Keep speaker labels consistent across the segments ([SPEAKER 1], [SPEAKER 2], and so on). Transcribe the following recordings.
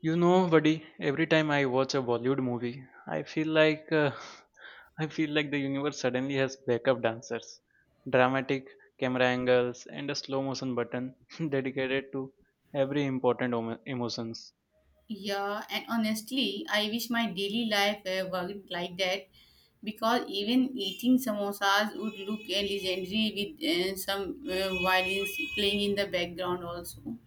[SPEAKER 1] You know, buddy, every time I watch a Bollywood movie, I feel like I feel like the universe suddenly has backup dancers, dramatic camera angles, and a slow motion button dedicated to every important emotions.
[SPEAKER 2] Yeah, and honestly, I wish my daily life worked like that because even eating samosas would look legendary with some violins playing in the background also.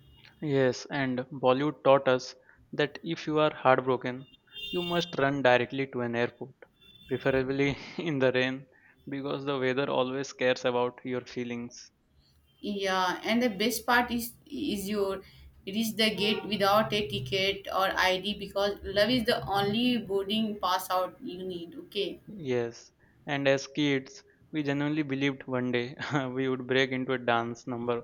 [SPEAKER 1] Yes, and Bollywood taught us that if you are heartbroken, you must run directly to an airport, preferably in the rain, because the weather always cares about your feelings.
[SPEAKER 2] Yeah, and the best part is your reach the gate without a ticket or ID because love is the only boarding pass out you need. Okay.
[SPEAKER 1] Yes, and as kids, we genuinely believed one day we would break into a dance number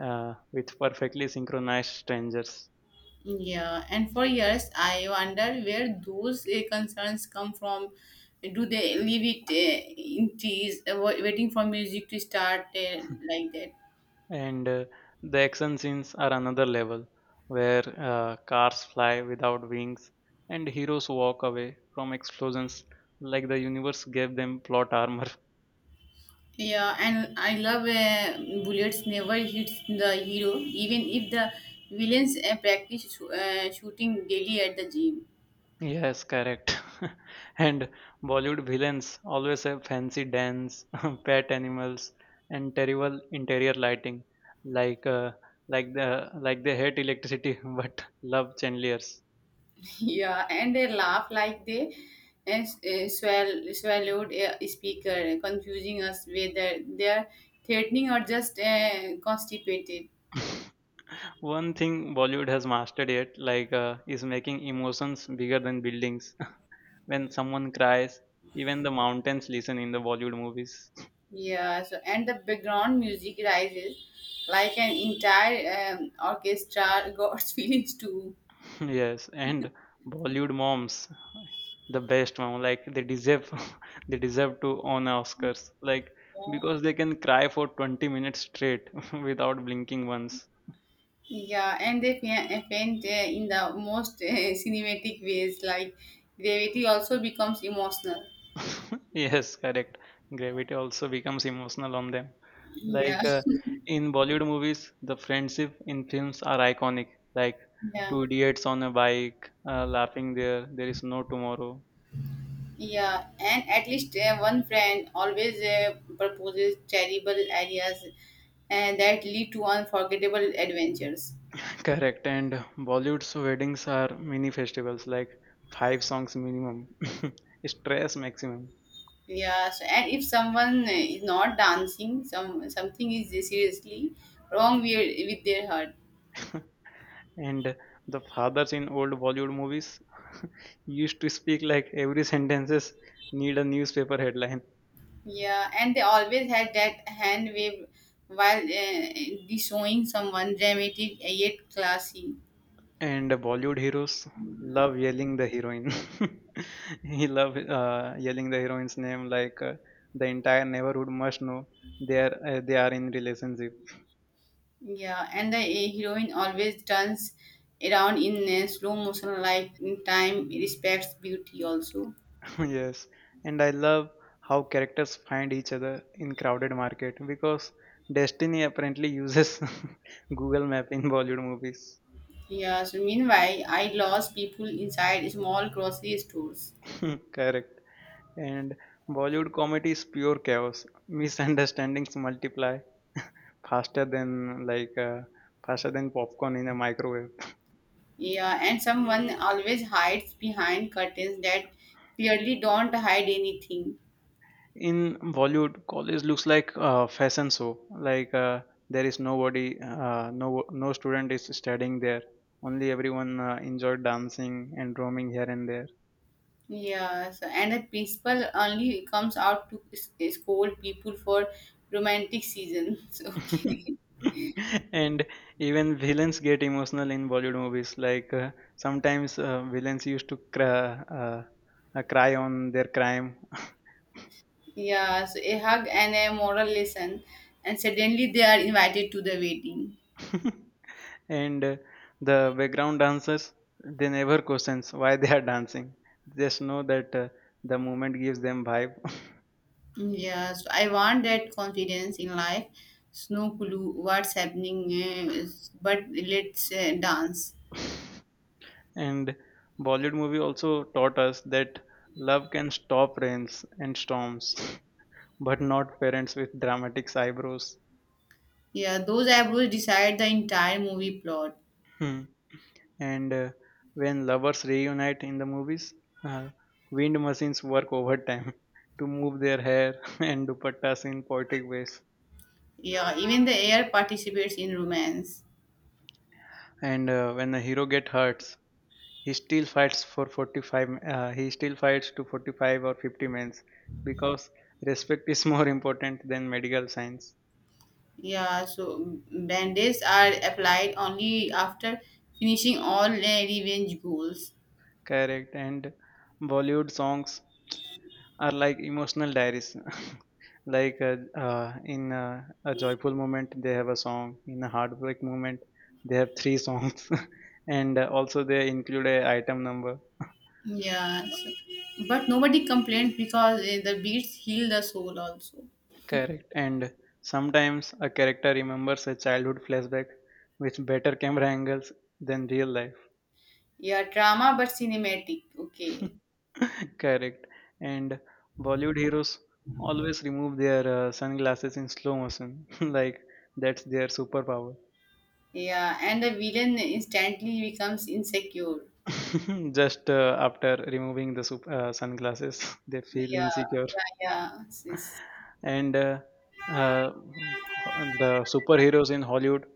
[SPEAKER 1] with perfectly synchronized strangers.
[SPEAKER 2] Yeah, and for years I wonder where those concerns come from. Do they leave it in trees, waiting for music to start like that?
[SPEAKER 1] And the action scenes are another level, where cars fly without wings and heroes walk away from explosions like the universe gave them plot armor.
[SPEAKER 2] Yeah, and I love bullets never hits the hero, even if the villains practice shooting daily at the gym.
[SPEAKER 1] Yes, correct. And Bollywood villains always have fancy dance, pet animals, and terrible interior lighting, like uh, like they hate electricity but love chandeliers.
[SPEAKER 2] Yeah, and they laugh like they swallowed a speaker, confusing us whether they are threatening or just constipated.
[SPEAKER 1] One thing Bollywood has mastered yet, is making emotions bigger than buildings. When someone cries, even the mountains listen in the Bollywood movies.
[SPEAKER 2] Yeah, so and the background music rises like an entire orchestra, God's feelings too.
[SPEAKER 1] Yes, and Bollywood moms, the best mom. They deserve to own Oscars. Like
[SPEAKER 2] Yeah,
[SPEAKER 1] because they can cry for 20 minutes straight without blinking once.
[SPEAKER 2] yeah, and they faint in the most cinematic ways, like gravity also becomes emotional.
[SPEAKER 1] Yes, correct. Gravity also becomes emotional on them. Like
[SPEAKER 2] Yeah,
[SPEAKER 1] uh, in Bollywood movies, the friendship in films are iconic. Like
[SPEAKER 2] yeah.
[SPEAKER 1] two idiots on a bike, laughing there. There is no tomorrow.
[SPEAKER 2] Yeah, and at least one friend always proposes terrible ideas and that lead to unforgettable adventures.
[SPEAKER 1] Correct. And Bollywood's weddings are mini festivals, like five songs minimum, stress maximum.
[SPEAKER 2] Yeah, so and if someone is not dancing, something is seriously wrong with their heart.
[SPEAKER 1] And the fathers in old Bollywood movies used to speak like every sentences need a newspaper headline.
[SPEAKER 2] Yeah, and they always had that hand wave while showing someone dramatic yet classy.
[SPEAKER 1] And Bollywood heroes love yelling the heroine. He love yelling the heroine's name like the entire neighborhood must know they are in relationship.
[SPEAKER 2] Yeah, and the heroine always turns around in slow motion, like in time respects beauty also.
[SPEAKER 1] Yes, and I love how characters find each other in crowded market because Destiny apparently uses Google Map in Bollywood movies.
[SPEAKER 2] Yeah, so meanwhile, I lost people inside small grocery stores.
[SPEAKER 1] Correct. And Bollywood comedy is pure chaos. Misunderstandings multiply faster than like uh, faster than popcorn in a microwave.
[SPEAKER 2] Yeah, and someone always hides behind curtains that clearly don't hide anything.
[SPEAKER 1] In Bollywood, college looks like a fashion show. There is nobody, no student is studying there. Only everyone enjoyed dancing and roaming here and there.
[SPEAKER 2] Yeah, so, and the principal only comes out to scold people for romantic seasons. Okay.
[SPEAKER 1] And even villains get emotional in Bollywood movies. Like sometimes villains used to cry, cry on their crime.
[SPEAKER 2] Yeah, so a hug and a moral lesson, and suddenly they are invited to the wedding.
[SPEAKER 1] And the background dancers they never questions why they are dancing they just know that the movement gives them vibe
[SPEAKER 2] Yeah, so I want that confidence in life. No clue what's happening, but let's dance.
[SPEAKER 1] and bollywood movie also taught us that love can stop rains and storms but not parents with dramatic eyebrows.
[SPEAKER 2] Yeah, those eyebrows decide the entire movie plot.
[SPEAKER 1] Hmm. And when lovers reunite in the movies uh, wind machines work overtime to move their hair and dupattas in poetic ways.
[SPEAKER 2] Yeah, even the air participates in romance.
[SPEAKER 1] And when the hero get hurt he still fights to 45 or 50 mens because respect is more important than medical science.
[SPEAKER 2] Yeah, so bandages are applied only after finishing all revenge goals.
[SPEAKER 1] Correct. And bollywood songs are like emotional diaries like in a joyful moment they have a song in a heartbreak moment they have three songs and also they include a item number.
[SPEAKER 2] Yeah, but nobody complained because the beats heal the soul also.
[SPEAKER 1] Correct. And sometimes a character remembers a childhood flashback with better camera angles than real life.
[SPEAKER 2] Yeah, drama but cinematic. Okay.
[SPEAKER 1] Correct. And Bollywood heroes always remove their sunglasses in slow motion, like that's their superpower.
[SPEAKER 2] Yeah, and the villain instantly becomes insecure.
[SPEAKER 1] Just after removing the sunglasses, they feel
[SPEAKER 2] Yeah,
[SPEAKER 1] insecure.
[SPEAKER 2] yeah, yeah. Sis.
[SPEAKER 1] And uh, the superheroes in Hollywood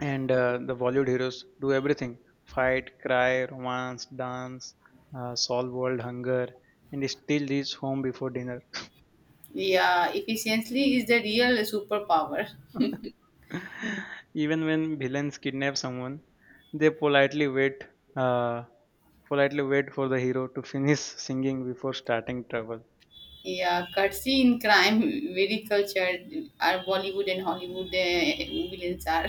[SPEAKER 1] and the Bollywood heroes do everything: fight, cry, romance, dance, solve world hunger, and they still reach home before dinner.
[SPEAKER 2] Yeah, efficiency is the real superpower.
[SPEAKER 1] Even when villains kidnap someone, they uh, politely wait for the hero to finish singing before starting trouble.
[SPEAKER 2] Yeah, courtesy in crime, very cultured. Our Bollywood and Hollywood villains are.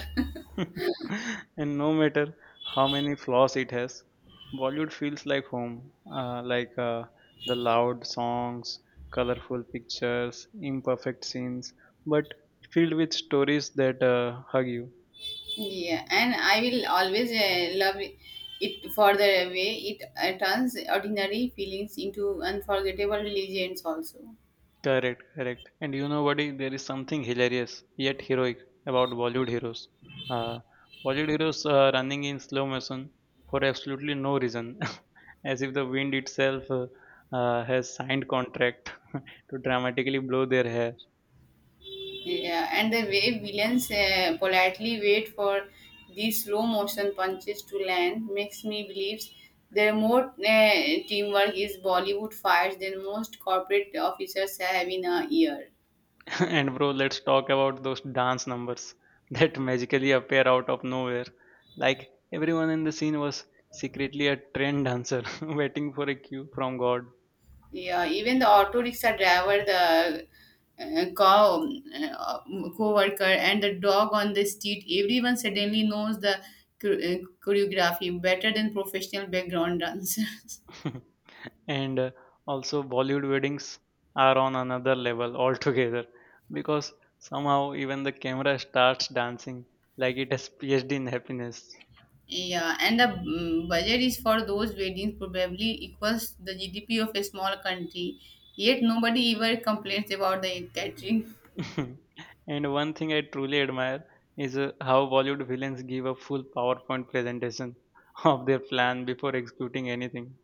[SPEAKER 1] And no matter how many flaws it has, Bollywood feels like home. The loud songs, colorful pictures, imperfect scenes, but filled with stories that hug you.
[SPEAKER 2] Yeah, and I will always love it for the way it turns ordinary feelings into unforgettable legends, also.
[SPEAKER 1] Correct, correct. And you know what? There is something hilarious yet heroic about Bollywood heroes. Uh, Bollywood heroes are running in slow motion for absolutely no reason, as if the wind itself has signed contract to dramatically blow their hair.
[SPEAKER 2] Yeah, and the way villains politely wait for these slow motion punches to land makes me believe there more teamwork is Bollywood fires than most corporate officers have in a year.
[SPEAKER 1] And bro, let's talk about those dance numbers that magically appear out of nowhere. Like everyone in the scene was secretly a trend dancer waiting for a cue from God.
[SPEAKER 2] Yeah, even the auto rickshaw driver, the cow co-worker, and the dog on the street, everyone suddenly knows the chor- uh, choreography better than professional background dancers.
[SPEAKER 1] and also, Bollywood weddings are on another level altogether because somehow even the camera starts dancing like it has PhD in happiness.
[SPEAKER 2] Yeah, and the budget is for those weddings probably equals the GDP of a small country. Yet nobody ever complains about the catering.
[SPEAKER 1] And one thing I truly admire is how Bollywood villains give a full PowerPoint presentation of their plan before executing anything.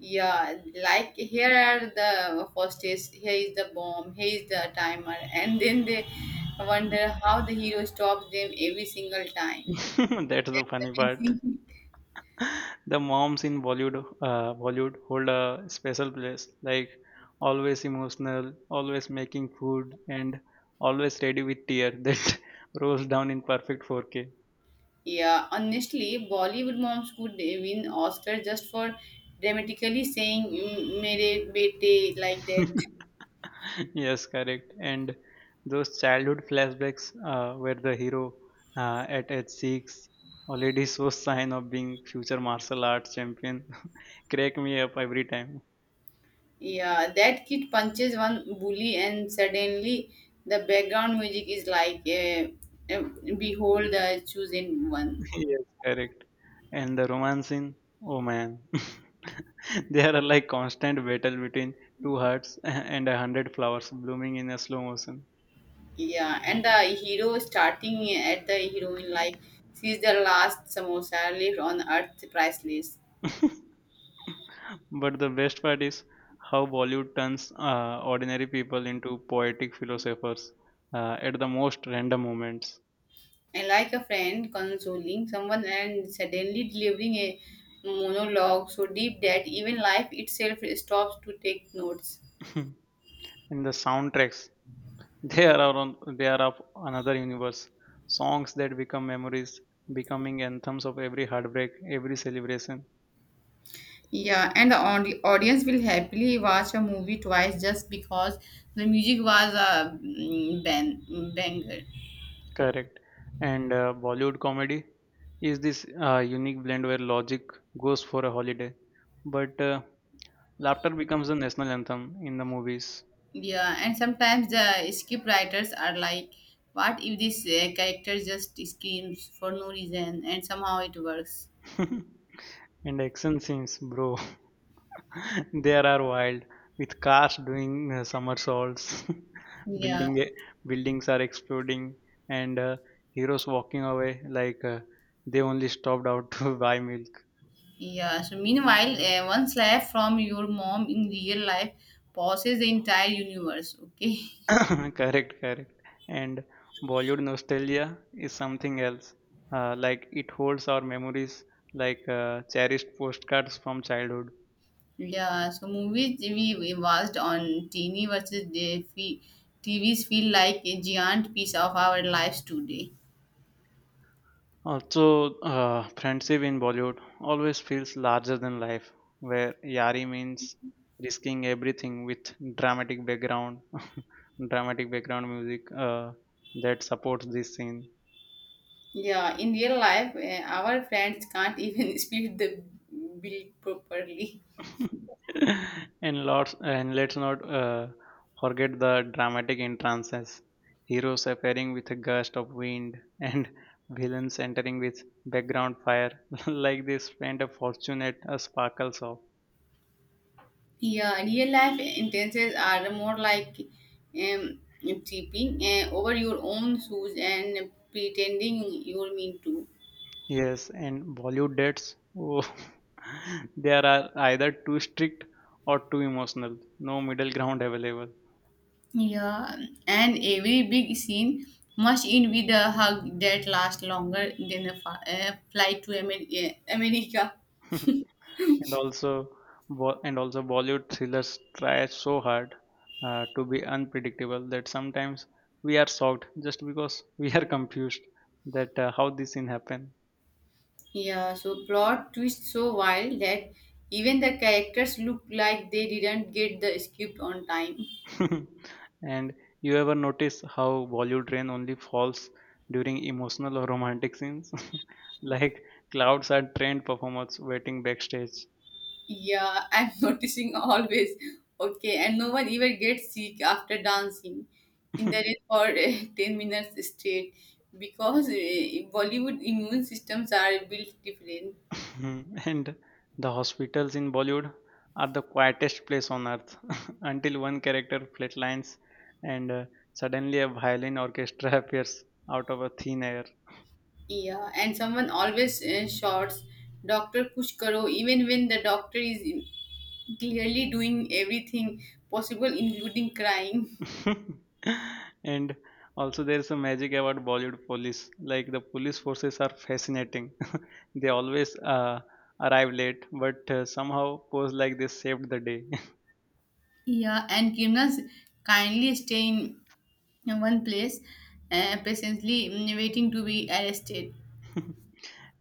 [SPEAKER 2] Yeah, like here are the hostess, here is the bomb, here is the timer, and then they wonder how the hero stops them every single time.
[SPEAKER 1] That's the funny part.
[SPEAKER 2] Amazing.
[SPEAKER 1] The moms in Bollywood, Bollywood hold a special place, like always emotional, always making food, and always ready with tear that rolls down in perfect 4K.
[SPEAKER 2] Yeah, honestly, Bollywood moms could win Oscar just for dramatically saying "Mm, "Mere bete" like that.
[SPEAKER 1] Yes, correct. And those childhood flashbacks where the hero at age six already shows sign of being future martial arts champion crack me up every time.
[SPEAKER 2] Yeah, that kid punches one bully, and suddenly the background music is like, "Behold the chosen one."
[SPEAKER 1] Yes, correct. And the romance scene, oh man, they are like constant battle between two hearts and 100 flowers blooming in a slow motion.
[SPEAKER 2] Yeah, and the hero starting at the heroine like she's the last samosa left on earth priceless.
[SPEAKER 1] But the best part is how Bollywood turns ordinary people into poetic philosophers at the most random moments.
[SPEAKER 2] And like a friend consoling someone and suddenly delivering a monologue so deep that even life itself stops to take notes.
[SPEAKER 1] In the soundtracks, they are our own, they are of another universe. Songs that become memories, becoming anthems of every heartbreak, every celebration.
[SPEAKER 2] Yeah, and the audience will happily watch a movie twice just because the music was a banger.
[SPEAKER 1] Correct. And Bollywood comedy is this unique blend where logic goes for a holiday, but laughter becomes the national anthem in the movies.
[SPEAKER 2] Yeah, and sometimes the script writers are like, what if this character just screams for no reason and somehow it works?
[SPEAKER 1] And action scenes, bro. There are wild with cars doing somersaults,
[SPEAKER 2] Yeah,
[SPEAKER 1] building buildings are exploding, and heroes walking away like they only stopped out to buy milk.
[SPEAKER 2] yeah. So, meanwhile, one slap from your mom in real life pauses the entire universe, okay?
[SPEAKER 1] Correct, correct. And Bollywood nostalgia is something else. Like it holds our memories like cherished postcards from childhood.
[SPEAKER 2] Yeah, so movies we watched on teeny versus the TVs feel like a giant piece of our lives today.
[SPEAKER 1] Also, friendship in Bollywood always feels larger than life, where yari means risking everything with dramatic background, dramatic background music that supports this scene.
[SPEAKER 2] Yeah, in real life, our friends can't even split the bill properly.
[SPEAKER 1] And let's not forget the dramatic entrances. Heroes appearing with a gust of wind and villains entering with background fire, like they spent a fortune at a sparkle shop.
[SPEAKER 2] Yeah, real life intentions are more like tripping over your own shoes and pretending you're mean to.
[SPEAKER 1] Yes, and Bollywood dates, oh, they are either too strict or too emotional. No middle ground available.
[SPEAKER 2] Yeah, and every big scene must end with a hug that lasts longer than a flight to America.
[SPEAKER 1] And also, Bollywood thrillers try so hard to be unpredictable that sometimes we are shocked just because we are confused that how this thing happened.
[SPEAKER 2] Yeah, so plot twist so wild that even the characters look like they didn't get the script on time.
[SPEAKER 1] And you ever notice how Bollywood rain only falls during emotional or romantic scenes? Like clouds are trained performers waiting backstage.
[SPEAKER 2] Yeah, I'm noticing always. Okay, and no one even gets sick after dancing in the rain for 10 minutes straight because Bollywood immune systems are built different.
[SPEAKER 1] And the hospitals in Bollywood are the quietest place on earth until one character flatlines and suddenly a violin orchestra appears out of a thin air.
[SPEAKER 2] Yeah, and someone always shouts, Doctor Kush Karo, even when the doctor is clearly doing everything possible, including crying.
[SPEAKER 1] And also there's a magic about bollywood police like the police forces are fascinating they always arrive late but somehow pose like they saved the day.
[SPEAKER 2] Yeah, and criminals kindly stay in one place, patiently waiting to be arrested.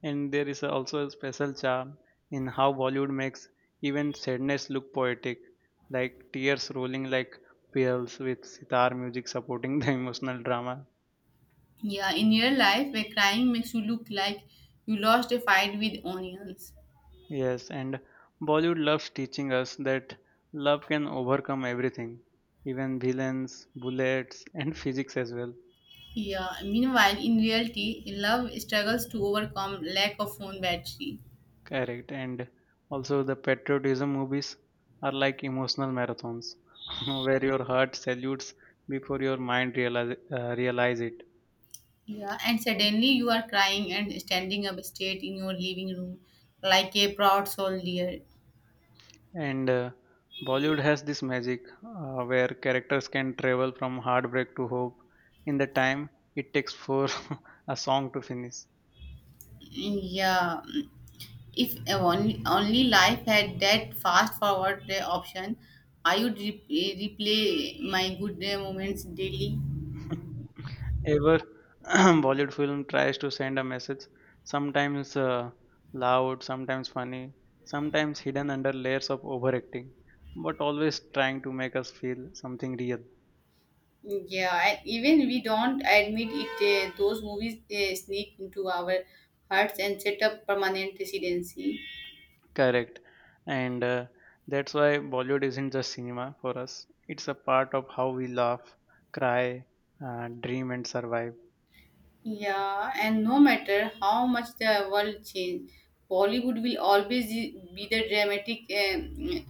[SPEAKER 1] And there is also a special charm in how bollywood makes even sadness look poetic like tears rolling like pearls with sitar music supporting the emotional drama.
[SPEAKER 2] Yeah, in real life, where crime makes you look like you lost a fight with onions.
[SPEAKER 1] Yes, and Bollywood loves teaching us that love can overcome everything, even villains, bullets, and physics as well.
[SPEAKER 2] Yeah, meanwhile, in reality, love struggles to overcome lack of phone battery.
[SPEAKER 1] Correct. And also, the patriotism movies are like emotional marathons where your heart salutes before your mind realize it.
[SPEAKER 2] Yeah, and suddenly you are crying and standing up straight in your living room like a proud soldier.
[SPEAKER 1] And Bollywood has this magic where characters can travel from heartbreak to hope in the time it takes for a song to finish.
[SPEAKER 2] Yeah, If only, life had that fast forward option, I would replay my good moments daily.
[SPEAKER 1] Ever Bollywood film tries to send a message, sometimes loud, sometimes funny, sometimes hidden under layers of overacting, but always trying to make us feel something real.
[SPEAKER 2] Yeah, and even we don't admit it, those movies sneak into our hearts and set up permanent residency.
[SPEAKER 1] Correct. And that's why Bollywood isn't just cinema for us, it's a part of how we laugh, cry, dream, and survive.
[SPEAKER 2] Yeah, and no matter how much the world change, Bollywood will always be the dramatic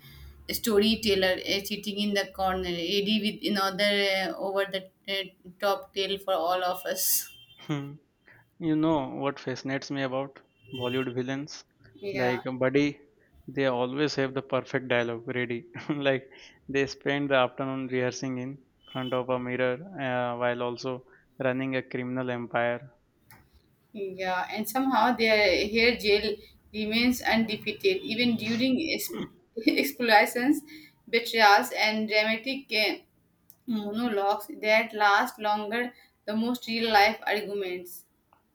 [SPEAKER 2] storyteller, sitting in the corner, ready with another over the top tale for all of us.
[SPEAKER 1] You know what fascinates me about Bollywood villains?
[SPEAKER 2] Yeah,
[SPEAKER 1] Like buddy, they always have the perfect dialogue ready. Like they spend the afternoon rehearsing in front of a mirror while also running a criminal empire.
[SPEAKER 2] yeah, and somehow their hair gel remains undefeated even during explorations, betrayals, and dramatic monologues that last longer the most real life arguments.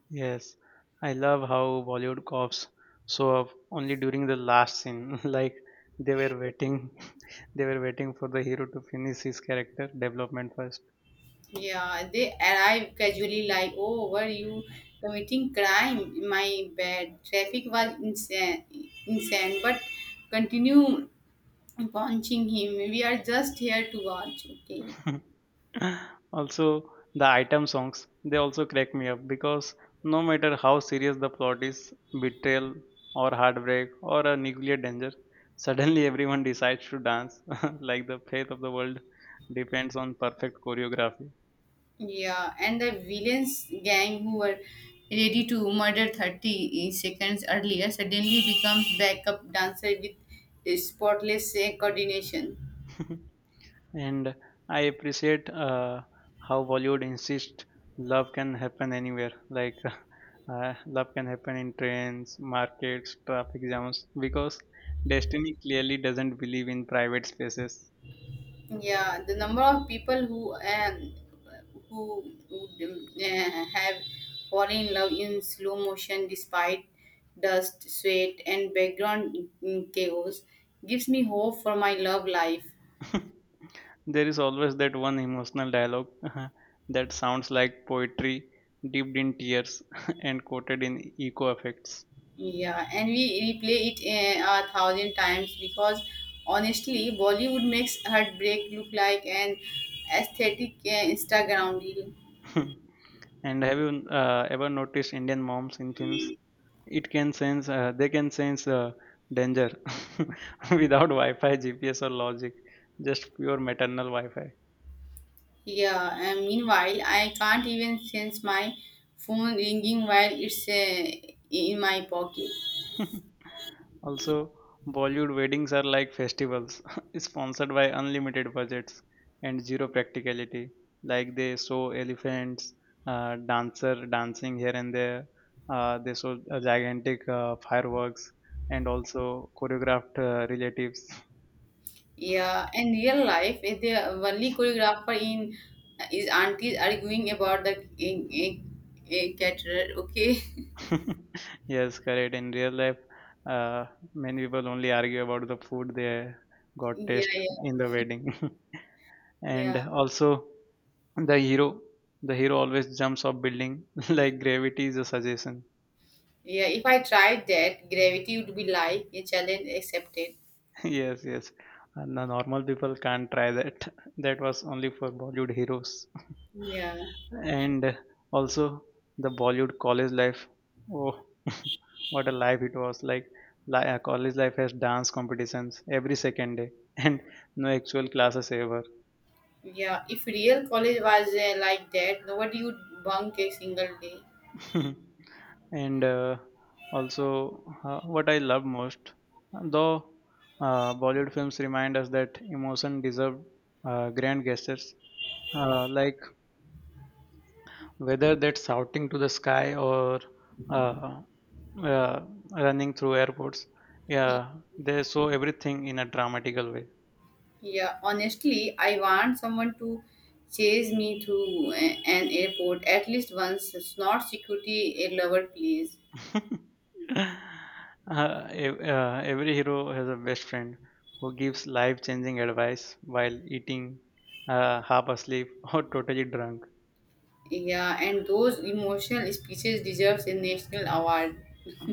[SPEAKER 1] Yes, I love how Bollywood cops show up only during the last scene. Like they were waiting, they were waiting for the hero to finish his character development first.
[SPEAKER 2] Yeah, they arrive casually like, oh, were you committing crime? My bad. Traffic was insane, insane, but continue punching him. We are just here to watch, okay?
[SPEAKER 1] Also the item songs they also crack me up because no matter how serious the plot is betrayal or heartbreak or a nuclear danger suddenly everyone decides to dance like the fate of the world depends on perfect choreography.
[SPEAKER 2] Yeah, and the villains gang who were ready to murder 30 seconds earlier suddenly becomes backup dancer with spotless coordination.
[SPEAKER 1] And I appreciate how Bollywood insists love can happen anywhere. Like love can happen in trains, markets, traffic jams, because destiny clearly doesn't believe in private spaces.
[SPEAKER 2] Yeah, the number of people who would have fallen in love in slow motion despite dust, sweat, and background chaos gives me hope for my love life.
[SPEAKER 1] There is always that one emotional dialogue that sounds like poetry dipped in tears and coated in eco effects.
[SPEAKER 2] Yeah, and we replay it a thousand times because honestly, Bollywood makes heartbreak look like an aesthetic Instagram reel.
[SPEAKER 1] And have you ever noticed Indian moms in films? It can sense they can sense danger without wi-fi gps or logic, just pure maternal wi-fi.
[SPEAKER 2] Yeah, and meanwhile, I can't even sense my phone ringing while it's in my pocket.
[SPEAKER 1] Also, Bollywood weddings are like festivals sponsored by unlimited budgets and zero practicality, like they show elephants, dancer dancing here and there, they show gigantic fireworks, and also choreographed relatives.
[SPEAKER 2] Yeah, in real life, the only choreographer in is aunties arguing about the caterer. Okay.
[SPEAKER 1] Yes, correct. In real life, uh, many people only argue about the food they got taste
[SPEAKER 2] Yeah,
[SPEAKER 1] in the wedding.
[SPEAKER 2] yeah,
[SPEAKER 1] And
[SPEAKER 2] yeah,
[SPEAKER 1] also, the hero, the hero always jumps off building like gravity is a suggestion.
[SPEAKER 2] yeah. If I tried that, gravity would be like a challenge accepted.
[SPEAKER 1] Yes, yes. And the normal people can't try that. That was only for Bollywood heroes.
[SPEAKER 2] Yeah,
[SPEAKER 1] And also the Bollywood college life. Oh, what a life it was! Like college life has dance competitions every second day, and no actual classes ever.
[SPEAKER 2] yeah. If real college was like that, nobody would bunk a single day.
[SPEAKER 1] And also, what I love most, though, Bollywood films remind us that emotion deserve grand gestures, like whether that's shouting to the sky or uh, uh, running through airports. Yeah, they show everything in a dramatical way.
[SPEAKER 2] Yeah, honestly, I want someone to chase me through an airport at least once. It's not security a lover, please.
[SPEAKER 1] uh, every hero has a best friend who gives life-changing advice while eating, half asleep or totally drunk.
[SPEAKER 2] Yeah, and those emotional speeches deserves a national award.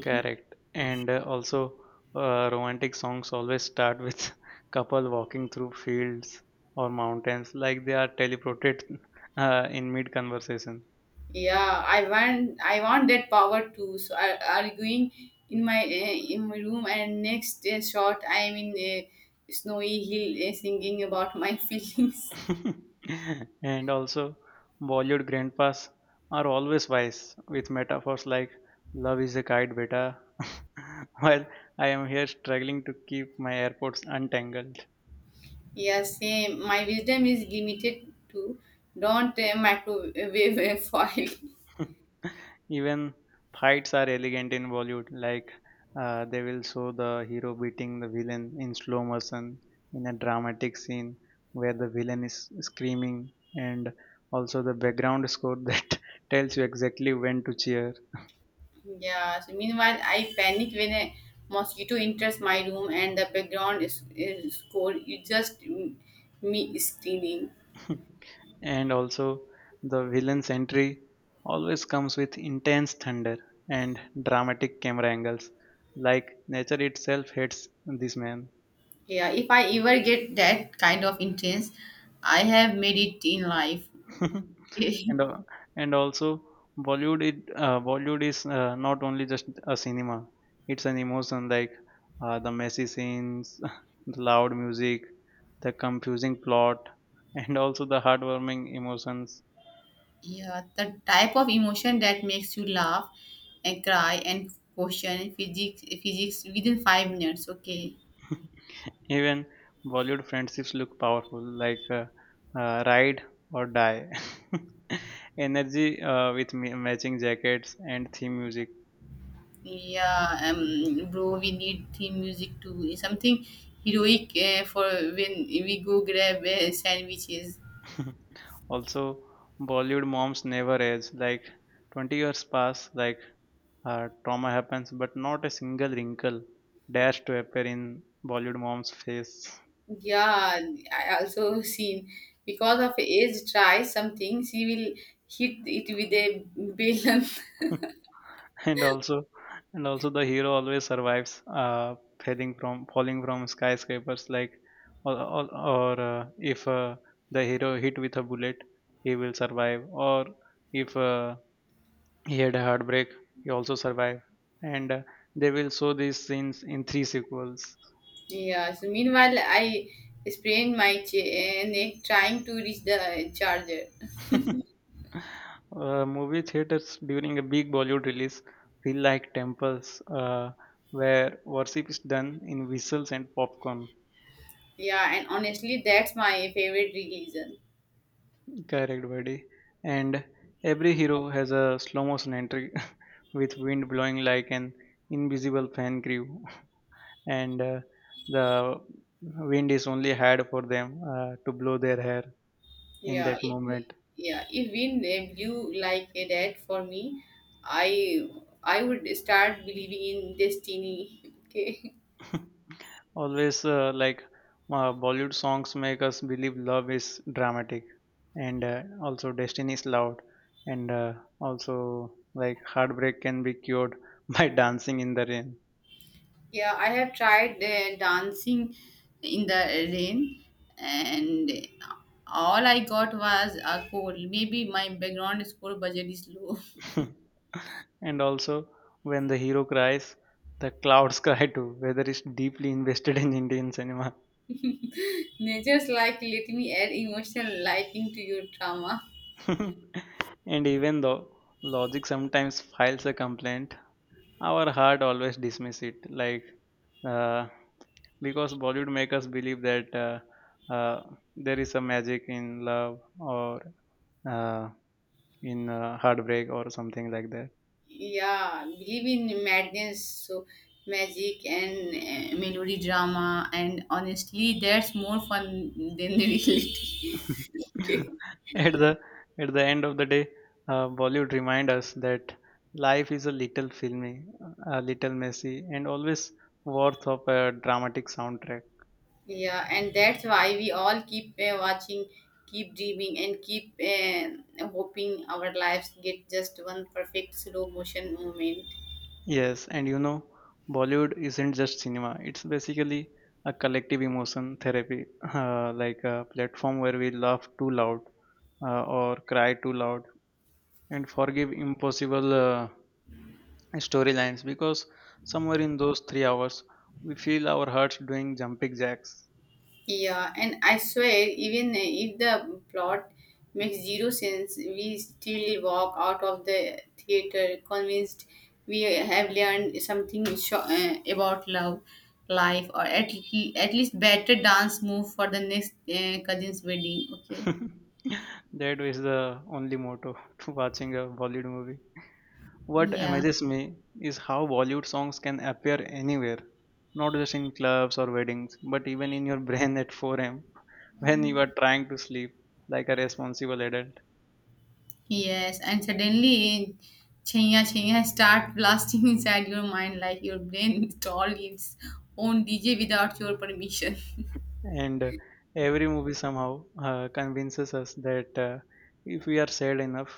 [SPEAKER 1] Correct. And also, romantic songs always start with couple walking through fields or mountains, like they are teleported in mid conversation.
[SPEAKER 2] Yeah, I want that power too. So I arguing in my room, and next shot I am in a snowy hill singing about my feelings.
[SPEAKER 1] And also, Bollywood grandpas are always wise with metaphors like "love is a kite, beta," while I am here struggling to keep my airports untangled.
[SPEAKER 2] Yeah, same. My wisdom is limited to don't microwave a foil.
[SPEAKER 1] Even fights are elegant in Bollywood, like they will show the hero beating the villain in slow motion in a dramatic scene where the villain is screaming, and also the background score that tells you exactly when to cheer.
[SPEAKER 2] Yeah. So meanwhile, I panic when a mosquito enters my room and the background is cold. You just me screaming.
[SPEAKER 1] And also the villain's entry always comes with intense thunder and dramatic camera angles, like nature itself hates this man.
[SPEAKER 2] Yeah. If I ever get that kind of intense, I have made it in life.
[SPEAKER 1] and uh, and also Bollywood is not only just a cinema, it's an emotion, like the messy scenes, the loud music, the confusing plot, and also the heartwarming emotions.
[SPEAKER 2] Yeah. The type of emotion that makes you laugh and cry and question physics within 5 minutes. Okay.
[SPEAKER 1] Even Bollywood friendships look powerful, like ride or die. Energy with matching jackets and theme music.
[SPEAKER 2] Yeah, bro, we need theme music too. Something heroic for when we go grab sandwiches.
[SPEAKER 1] Also, Bollywood moms never age. Like 20 years pass, like trauma happens, but not a single wrinkle dares to appear in Bollywood mom's face.
[SPEAKER 2] Yeah, I also seen because of age tries something, she will hit it with a balloon.
[SPEAKER 1] and also and also the hero always survives falling from skyscrapers, like, or if the hero hit with a bullet, he will survive, or if he had a heartbreak, he also survived, and they will show these scenes in three sequels.
[SPEAKER 2] Yeah, so meanwhile, I sprained my neck trying to reach the charger.
[SPEAKER 1] Movie theaters during a big bollywood release feel like temples where worship is done in whistles and popcorn.
[SPEAKER 2] Yeah, and honestly, that's my favorite religion.
[SPEAKER 1] Correct, buddy. And every hero has a slow motion entry with wind blowing like an invisible fan crew, and the wind is only had for them to blow their hair in
[SPEAKER 2] Yeah,
[SPEAKER 1] that
[SPEAKER 2] if we,
[SPEAKER 1] moment.
[SPEAKER 2] yeah, if we name you like a dad for me, I I would start believing in destiny. Okay.
[SPEAKER 1] Always, like, Bollywood songs make us believe love is dramatic, and also destiny is loud, and also, like, heartbreak can be cured by dancing in the rain.
[SPEAKER 2] Yeah, I have tried dancing in the rain, and all I got was a cold. Maybe my background score budget is low.
[SPEAKER 1] And also, when the hero cries, the clouds cry too. Weather is deeply invested in Indian cinema.
[SPEAKER 2] Nature's like let me add emotional lighting to your drama.
[SPEAKER 1] And even though logic sometimes files a complaint, our heart always dismiss it. Like, uh, because Bollywood make us believe that uh, there is a magic in love or uh, in heartbreak or something like that.
[SPEAKER 2] Yeah, believe in madness so magic and melody drama, and honestly that's more fun than the reality.
[SPEAKER 1] at the at the end of the day, Bollywood remind us that life is a little filmy, a little messy, and always worth of a dramatic soundtrack.
[SPEAKER 2] Yeah, and that's why we all keep watching, keep dreaming, and keep hoping our lives get just one perfect slow motion moment.
[SPEAKER 1] Yes, and you know, Bollywood isn't just cinema. It's basically a collective emotion therapy, like a platform where we laugh too loud or cry too loud and forgive impossible storylines, because somewhere in those 3 hours we feel our hearts doing jumping jacks.
[SPEAKER 2] Yeah, and I swear, even if the plot makes zero sense, we still walk out of the theater convinced we have learned something sho about love, life, or at least better dance move for the next cousin's wedding. Okay.
[SPEAKER 1] That is the only motto to watching a Bollywood movie. What
[SPEAKER 2] Yeah.
[SPEAKER 1] amazes me is how Bollywood songs can appear anywhere, not just in clubs or weddings, but even in your brain at 4 a.m. when you are trying to sleep like a responsible adult.
[SPEAKER 2] Yes, and suddenly Chenya Chenya start blasting inside your mind like your brain installed its own DJ without your permission.
[SPEAKER 1] And every movie somehow convinces us that if we are sad enough,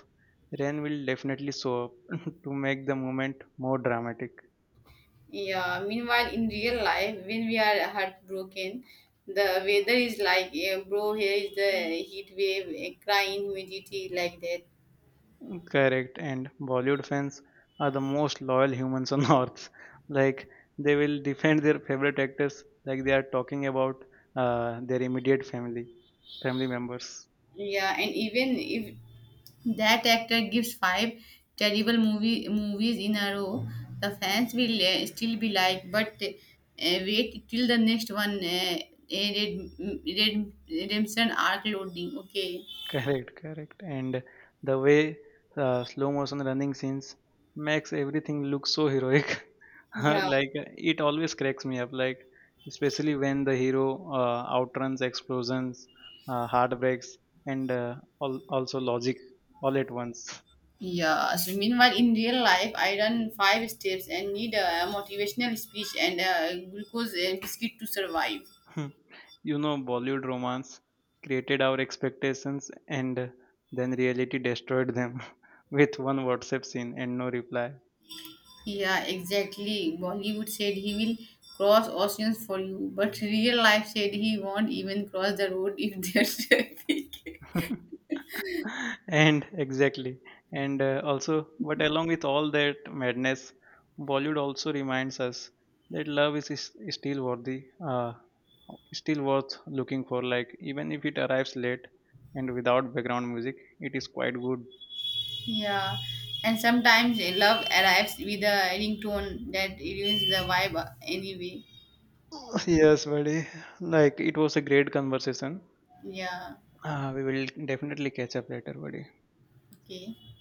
[SPEAKER 1] rain will definitely show up to make the moment more dramatic.
[SPEAKER 2] Yeah, meanwhile, in real life, when we are heartbroken, the weather is like, bro, here is the heat wave, crying humidity, like that.
[SPEAKER 1] Correct. And bollywood fans are the most loyal humans on earth, like they will defend their favorite actors like they are talking about their immediate family family members.
[SPEAKER 2] Yeah, and even if that actor gives five terrible movies in a row, the fans will still be like, but wait till the next one, redemption arc loading, okay?
[SPEAKER 1] Correct, correct. And the way slow motion running scenes makes everything look so heroic.
[SPEAKER 2] Yeah.
[SPEAKER 1] Like it always cracks me up. Like especially when the hero outruns explosions, heartbreaks, and also logic all at once.
[SPEAKER 2] Yeah, so meanwhile, in real life, I run 5 steps and need a motivational speech and a glucose and biscuit to survive.
[SPEAKER 1] You know, Bollywood romance created our expectations, and then reality destroyed them with one WhatsApp scene and no reply.
[SPEAKER 2] Yeah, exactly. Bollywood said he will cross oceans for you, but real life said he won't even cross the road if there's traffic.
[SPEAKER 1] And exactly. And also, but along with all that madness, Bollywood also reminds us that is still worthy, uh, still worth looking for, like even if it arrives late and without background music, it is quite good.
[SPEAKER 2] Yeah, and sometimes a love arrives with a ringtone that ruins the vibe anyway.
[SPEAKER 1] Yes, buddy, like it was a great conversation.
[SPEAKER 2] Yeah,
[SPEAKER 1] We will definitely catch up later, buddy.
[SPEAKER 2] okay.